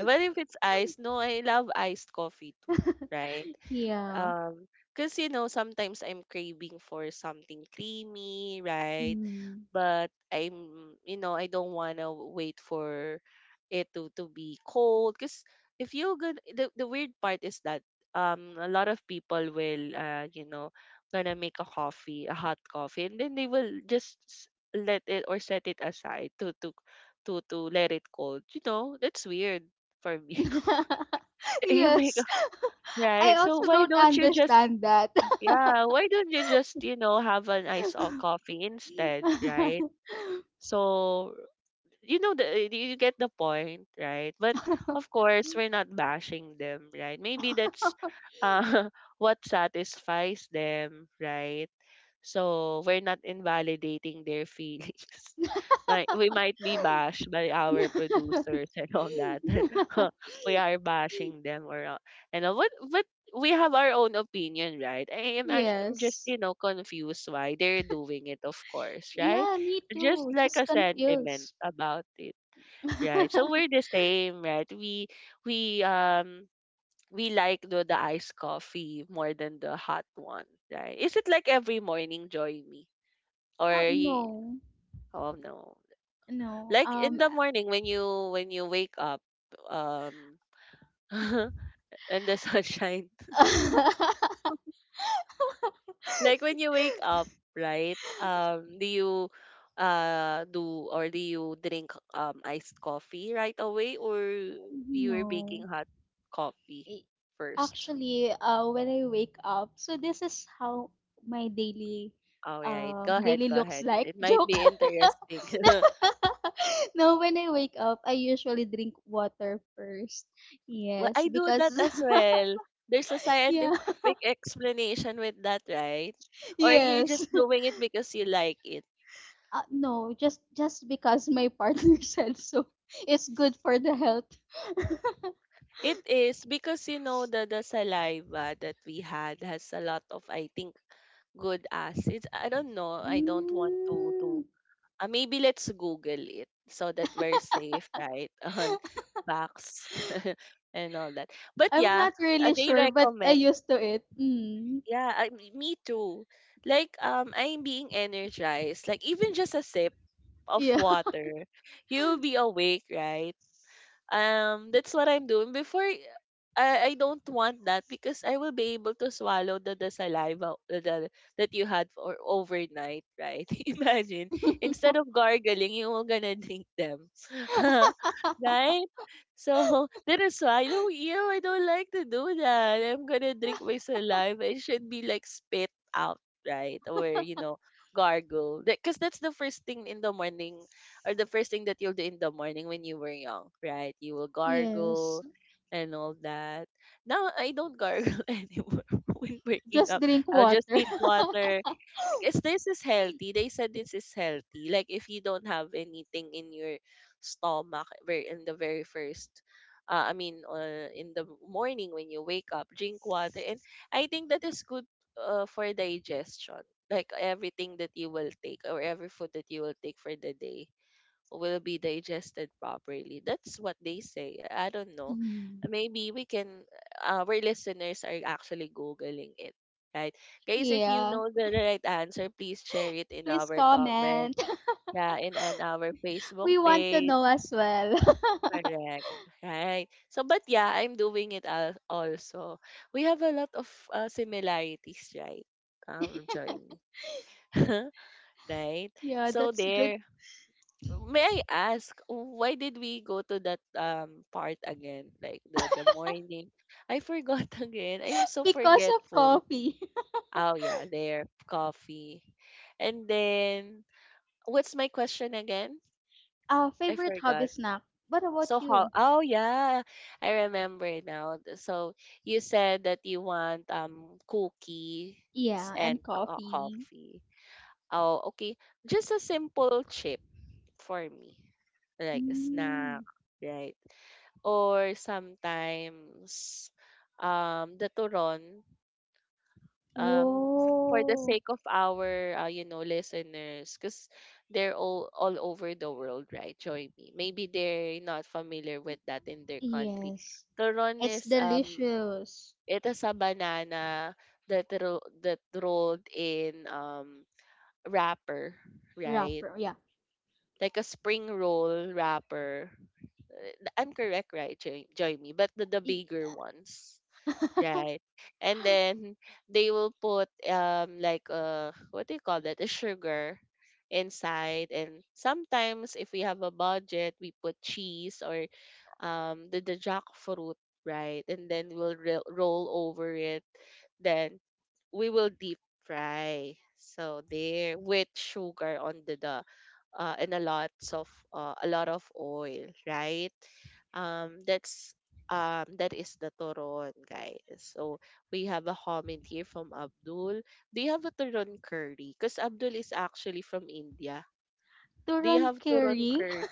But if it's iced, no, I love iced coffee too, right? Yeah. Um, because you know, sometimes I'm craving for something creamy, right? Mm. But I'm, you know, I don't want to wait for it to be cold. Because if you good, the weird part is that a lot of people will, you know, gonna make a coffee, a hot coffee, and then they will just let it or set it aside to let it cold. You know, that's weird for me. you make Yes. a- right I so also why don't don't you just, understand that. yeah, why don't you just, you know, have an iced coffee instead, right? So, the you get the point, right? But of course, we're not bashing them, right? Maybe that's uh, what satisfies them, right? So we're not invalidating their feelings. Might we might be bashed by our producers and all that, but we are bashing them. Or uh, and uh, what but we have our own opinion, right? I am actually, I'm just Yes. Confused why they're doing it, of course, right? Yeah, me Just too. like Just a sentiment confused. about it, right? So we're the same, right? We we like the iced coffee more than the hot one, right? Is it like every morning, join me? Or Oh, you, no. oh no, No. like in the morning when you wake up, um and the sunshine. Like when you wake up, right? Do you drink iced coffee right away, or you're No. making hot coffee i- first? Actually, when I wake up, so this is how my daily All right. Go ahead, go looks ahead. like. It might Joke. be interesting. No, when I wake up, I usually drink water first. Well, Yes, I do because that as well. There's a yeah, scientific explanation with that, right? Or you're yes. just doing it because you like it. No, just because my partner said so. It's good for the health. It is because, you know, the saliva that we had has a lot of, I think, good acids. I don't know. I don't want to Mm, maybe let's Google it so that we're safe, right? On facts and all that. But I'm yeah, not really they sure, but I recommend. used to it. Mm, Yeah, me too. Like I'm being energized. Like even just a sip of yeah. water, you'll be awake, right? That's what I'm doing. Before, I don't want that because I will be able to swallow the saliva that you had for overnight, right? Imagine. Instead of gargling, you were gonna drink them. Right? So that is why I don't, ew, I don't like to do that. I'm gonna drink my saliva. It should be like spit out, right? Or you know, gargle. Because that's the first thing in the morning, or the first thing that you'll do in the morning when you were young, right? You will Yes. gargle and all that. Now I don't gargle anymore when waking Just up. drink I'll just water. eat water. I guess this is healthy. They said this is healthy. Like if you don't have anything in your in the very first in the morning when you wake up, drink water, and I think that is good for digestion. Like everything that you will take, or every food that you will take for the day, will be digested properly. That's what they say. I don't know. Mhm. Maybe we can, our listeners are actually Googling it, right? Guys, if you Yeah. know the right answer, please share it in Please our comment. comment. Yeah, in our Facebook We want to page. know as well. Correct. Right. So, but yeah, I'm doing it, also. We have a lot of similarities, right? Join me. Right? Yeah, So that's good. there. May I ask, why did we go to that part again? Like the morning. I forgot again. I'm so Because of forgetful. coffee. Oh yeah, there coffee. And then, what's my question again? I Favorite hobby forgot. snack. What So about how, you? oh yeah, I remember now. So you said that you want cookies Yeah, and and coffee. coffee. Oh, okay. Just a simple chip for me. Like a snack, Mm. right? Or sometimes the turon, um for the Whoa. sake of our you know, listeners, because they're all over the world, right? Join me, maybe they're not familiar with that in their country. Yes. Turon It's is delicious. it is a banana that rolled in wrapper, right? Wrapper. Yeah. Like a spring roll wrapper. I'm correct, right? Join me. But the I- bigger ones, right? And then they will put like, uh, what do you call that? A sugar inside. And sometimes, if we have a budget, we put cheese, or the jackfruit, right? And then we'll roll over it, then we will deep fry. So there, with sugar on the and a lot of, a lot of oil, right? Um, that's that is the toron, guys. So we have a comment here from Abdul. Do you have a toron curry? Because Abdul is actually from India. Do you Turon have curry.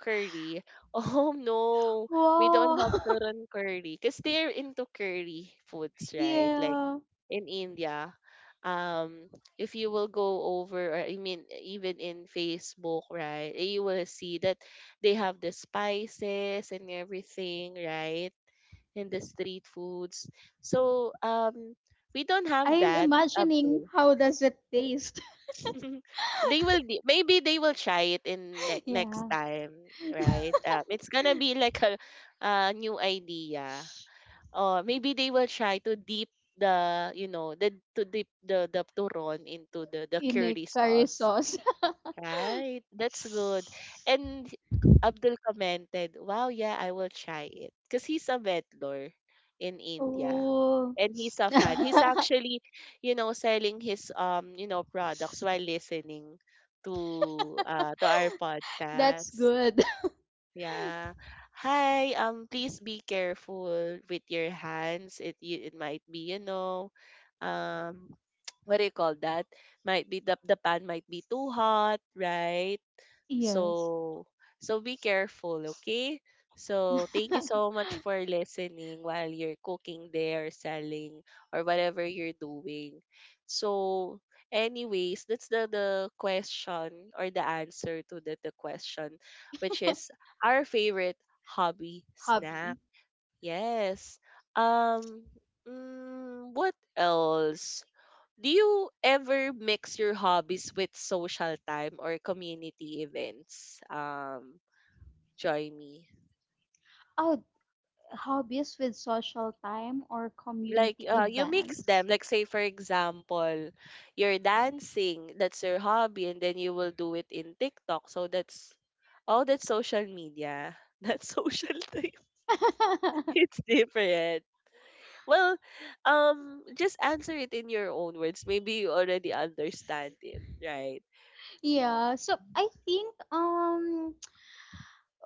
curry? Oh no, we don't Wow. have toron curry. Because they're into curry foods, right? Like Yeah. in India, um if you will go over, or I mean, even in Facebook, right, you will see that they have the spices and everything, right? And the street foods. So we don't have I am that, imagining Abdul. how does it taste. They will be, maybe they will try it in next Yeah. time, right? Um, it's gonna be like a new idea. Uh, maybe they will try to dip the, you know, the, to dip the turon into the In a curry curry sauce, sauce. right? That's good. And Abdul commented, wow, yeah, I will try it, because he's a vendor in India, Oh. and he's a fan. He's actually, you know, selling his, you know, products while listening to our That's podcast. good. Yeah. Hi, um, please be careful with your hands. It might be, you know, um what do you call that? Might be the pan might be too hot, right? Yes. So, so be careful, okay? So, thank you so much for listening while you're cooking there, selling, or whatever you're doing. So, anyways, that's the question, or the answer to the question, which is our favorite hobby snack. Hobby. Yes. Um, mm, what else? Do you ever mix your hobbies with social time or community events? Join me. Oh, hobbies with social time or Like, community you mix them. events. Like, say for example, you're dancing, that's your hobby, and then you will do it in TikTok. So that's, oh, that's social media. That's social time. It's different. Well, just answer it in your own words. Maybe you already understand it, right? Yeah. So I think,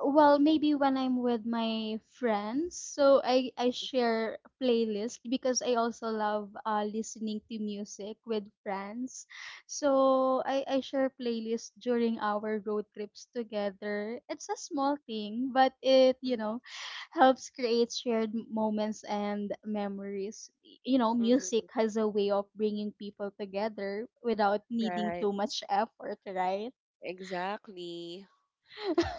well, maybe when I'm with my friends, so I share playlist because I also love listening to music with friends, so I share playlist during our road trips together. It's a small thing but it, helps create shared moments and memories. Music Mm-hmm. has a way of bringing people together without needing Right. too much effort, right? Exactly.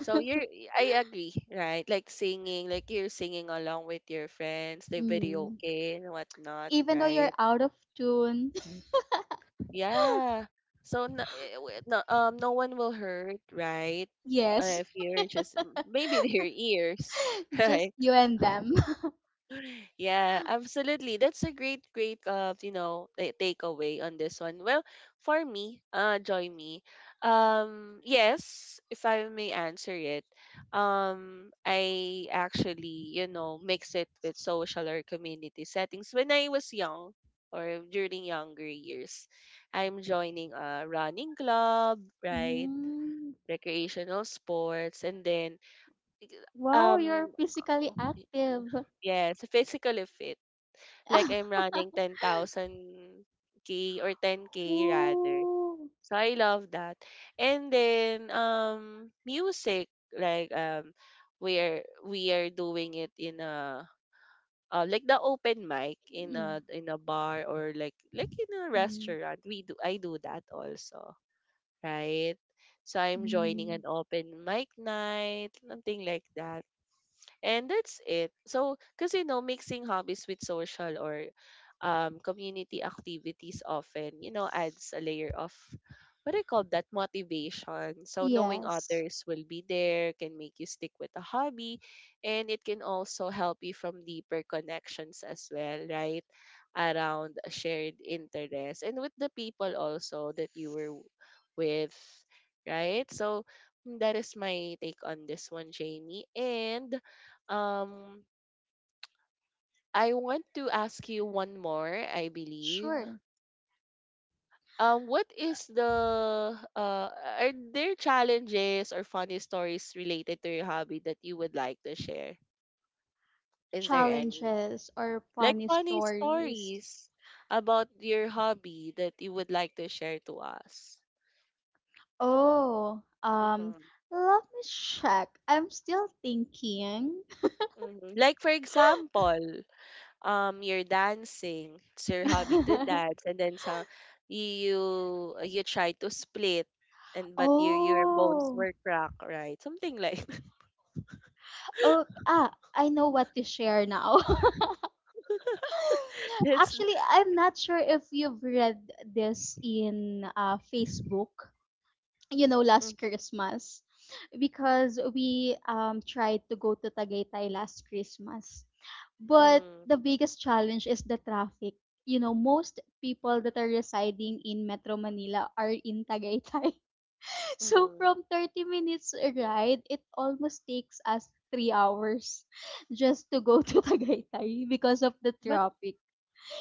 So you're, I agree, right? Like singing, like you're singing along with your friends, the video Mm. and whatnot, Even though you're right? out of tune. Yeah. So no, no, no one will hurt, right? Yes, If you're just, maybe their ears, just right? you and them. Yeah, absolutely. That's a great, great, you know, takeaway on this one. Well, for me, joy me. Yes, if I may answer it, I actually, you know, mix it with social or community settings. When I was young, or during younger years, I'm joining a running club, right? Mm, Recreational sports, and then, wow, you're um, physically active. yes, physically fit, like I'm running 10,000K or 10K rather. Oh, So I love that. And then, music, like, we are doing it in a, like the open mic in yeah. a, in a bar, or like in a Mm, restaurant. We do I do that also, right? So I'm joining mm. an open mic night, something like that. And that's it. So, because you know, mixing hobbies with social or, community activities often, you know, adds a layer of, what do you call that, motivation. So, knowing Yes, others will be there can make you stick with a hobby, and it can also help you from deeper connections as well, right? Around a shared interest, and with the people also that you were with, right? So, mm, that is my take on this one, Jamie. And, um, I want to ask you one more, I believe. sure. What is the, are there challenges or funny stories related to your hobby that you would like to share? Is there any Challenges or like funny funny stories. stories about your hobby that you would like to share to us? Oh, Mm-hmm. let me check. I'm still thinking. Mm-hmm. Like for example, you're dancing, it's your hobby to dance, and then some, you try to split, and but your bones Oh, were cracked, right? Something like oh, I know what to share now. that's Actually, I'm not sure if you've read this in Facebook, last mm-hmm, Christmas, because we tried to go to Tagaytay last Christmas. But the biggest challenge is the traffic. You know, most people that are residing in Metro Manila are in Tagaytay. So mm-hmm. from 30 minutes ride, it almost takes us 3 hours just to go to Tagaytay because of the But traffic.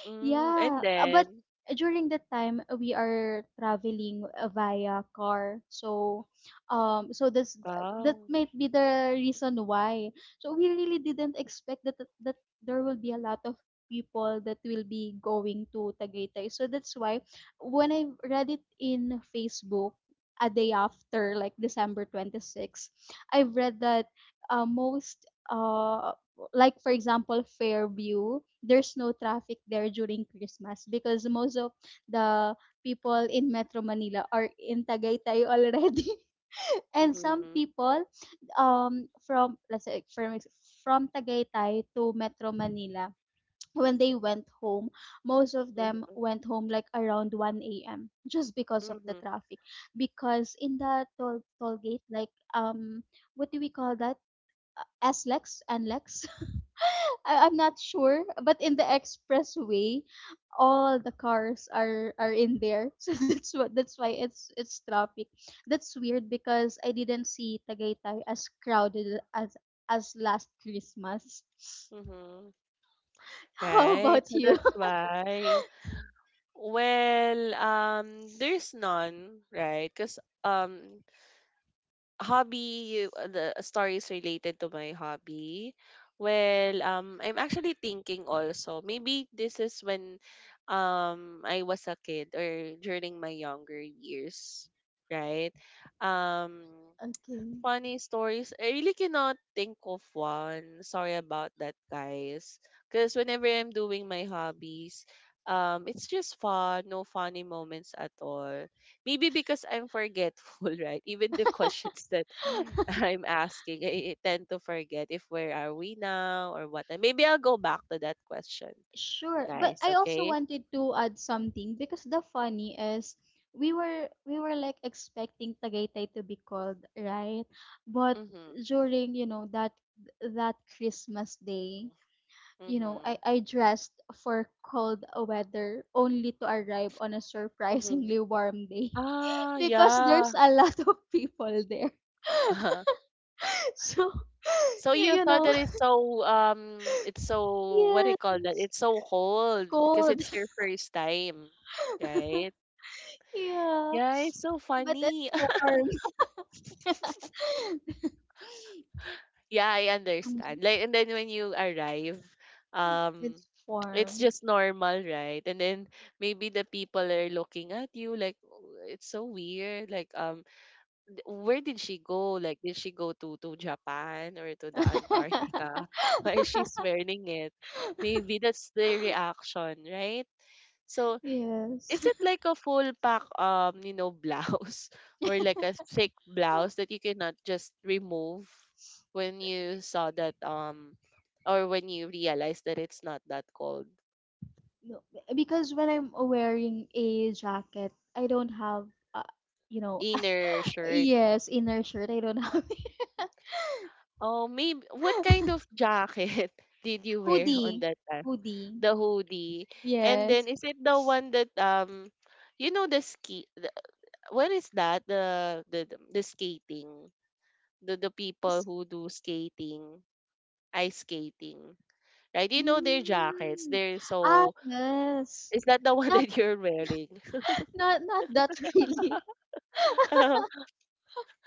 mm, and Yeah, but then, during that time, we are traveling, via car. So this, that wow, might be the reason why. So we really didn't expect that there will be a lot of people that will be going to Tagaytay. So that's why when I read it in Facebook a day after, like December 26, I've read that, most, like for example Fairview, there's no traffic there during Christmas because most of the people in Metro Manila are in Tagaytay already. And some mm-hmm, people, from, let's say, from Tagaytay to Metro Manila, when they went home, most of them mm-hmm, went home like around 1 a.m. just because of the mm-hmm, traffic. Because in the toll gate, like, what do we call that? SLEX and Lex. I'm not sure, but in the expressway, all the cars are in there. So that's why it's traffic. That's weird because I didn't see Tagaytay as crowded as last Christmas. mm-hmm. How Right, about so you? that's why, well, there's none, right? Because, um hobby, the stories related to my hobby, well, I'm actually thinking also, maybe this is when, I was a kid or during my younger years, right, um. Okay. Funny stories. I really cannot think of one. Sorry about that, guys. Because whenever I'm doing my hobbies, it's just fun. No funny moments at all. Maybe because I'm forgetful, right? Even the questions that I'm asking, I tend to forget if where are we now or what. Maybe I'll go back to that question, Sure, but guys. I also Okay. wanted to add something because the funny is, we were like expecting Tagaytay to be called, right? But Mhm. during, that Christmas day, I Mhm. I dressed for cold weather only to arrive on a Mhm. surprisingly warm day. Ah, Because yeah. there's a lot of people there. So, So you, you you thought know, that it's so, um, it's so, what do you call that? yes, It's so cold because cold. it's your first time, right? Yeah. Yeah, it's so But it's funny. warm. Yeah, I understand. Mm, Like, and then when you arrive, um, it's it's warm. just normal, right? And then maybe the people are looking at you like, "Oh, it's so weird. Like, um, where did she go? Like, did she go to Japan or to the Antarctica? Why she's wearing it?" Maybe that's the reaction, right? So, Yes. is it like a full pack, you know, blouse, or like a thick blouse that you cannot just remove when you saw that, or when you realize that it's not that cold? No, because when I'm wearing a jacket, I don't have, uh, you know, Inner shirt. yes, inner shirt. I don't have Oh, maybe what kind of jacket did you wear on hoodie. that? Hoodie. The hoodie. And then, Yes. is it the one that, um, you know, the ski, the, what is that? The skating. The people Yes. who do skating, ice skating. Right? You know their jackets. Mm. They're Ah, so, yes. is that the one Not, that you're wearing? not, not that really. Oh,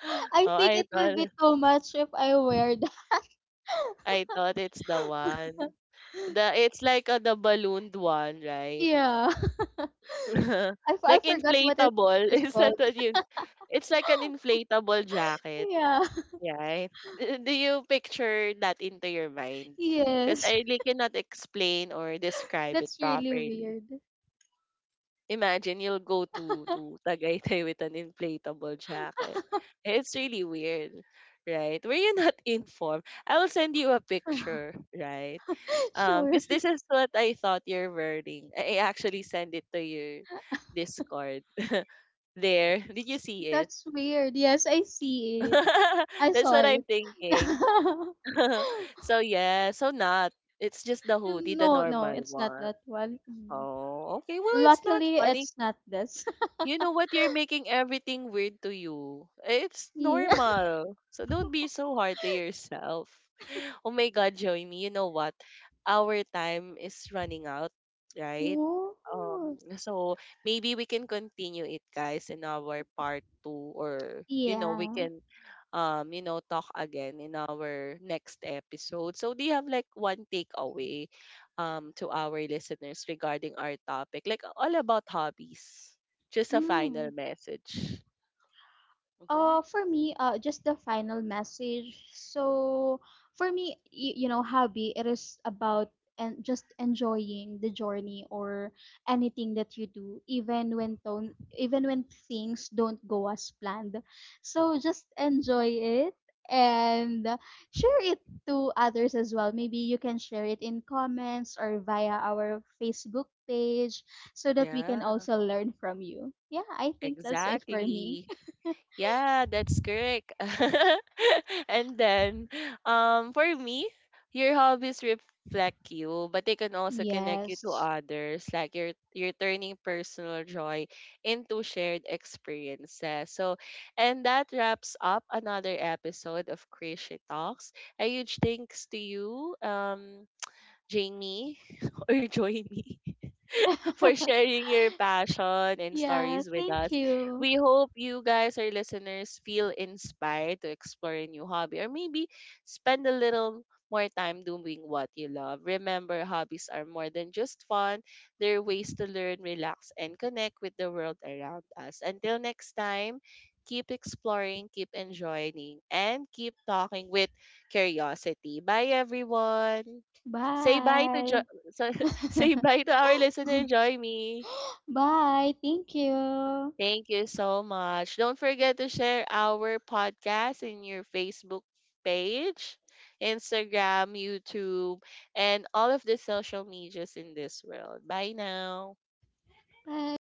I think I it will thought, be too much if I wear that. I thought it's the one. The, it's like a, the ballooned one, right? Yeah. I Like forgot what it inflatable. it is Is called. that what you, it's like an inflatable jacket. Yeah. Right. D- do you picture that into your mind? Because Yes. I really cannot explain or describe it That's really properly. weird. Imagine, you'll go to Tagaytay with an inflatable jacket. It's really weird, right? Were you not informed? I will send you a picture, right? Sure. Because this is what I thought you're wearing. I actually sent it to your Discord. There, did you see it? That's weird. Yes, I see it. I That's saw what I'm it. thinking. So yeah, so not. It's just the hoodie, the No, no, normal it's not one. that one. Mm. Oh, okay. Well, it's not Luckily, funny. it's not this. You know what? You're making everything weird to you. It's Yeah. normal. So don't be so hard to yourself. Oh my God, Joey, me, you know what? Our time is running out, right? Oh. So maybe we can continue it, guys, in our part two, or you know, we Yeah. can, you know, talk again in our next episode. So, do you have like one takeaway, to our listeners regarding our topic, like all about hobbies? Just a Mm. final message. Hmm. For me, just the final message. So for me, hobby, it is about and just enjoying the journey or anything that you do, even when things don't go as planned. So just enjoy it and share it to others as well. Maybe you can share it in comments or via our Facebook page so that we Yeah, can also learn from you. Yeah, I think that's it for me. exactly. Yeah, that's correct. And then, for me, your hobbies reflect you, but they can also connect you to Yes. others. Like you're turning personal joy into shared experiences. So, and that wraps up another episode of Crazy Talks. A huge thanks to you, Jamie, or Joy, for sharing your passion and Yeah, stories with thank us. you. We hope you guys, our listeners, feel inspired to explore a new hobby, or maybe spend a little more time doing what you love. Remember, hobbies are more than just fun, they're ways to learn, relax, and connect with the world around us. Until next time, keep exploring, keep enjoying, and keep talking with curiosity. Bye, everyone. Say bye to Bye. so- say bye to our listener, Joy Me. Bye. Thank you. Thank you so much. Don't forget to share our podcast in your Facebook page, Instagram, YouTube, and all of the social medias in this world. Bye now. Bye.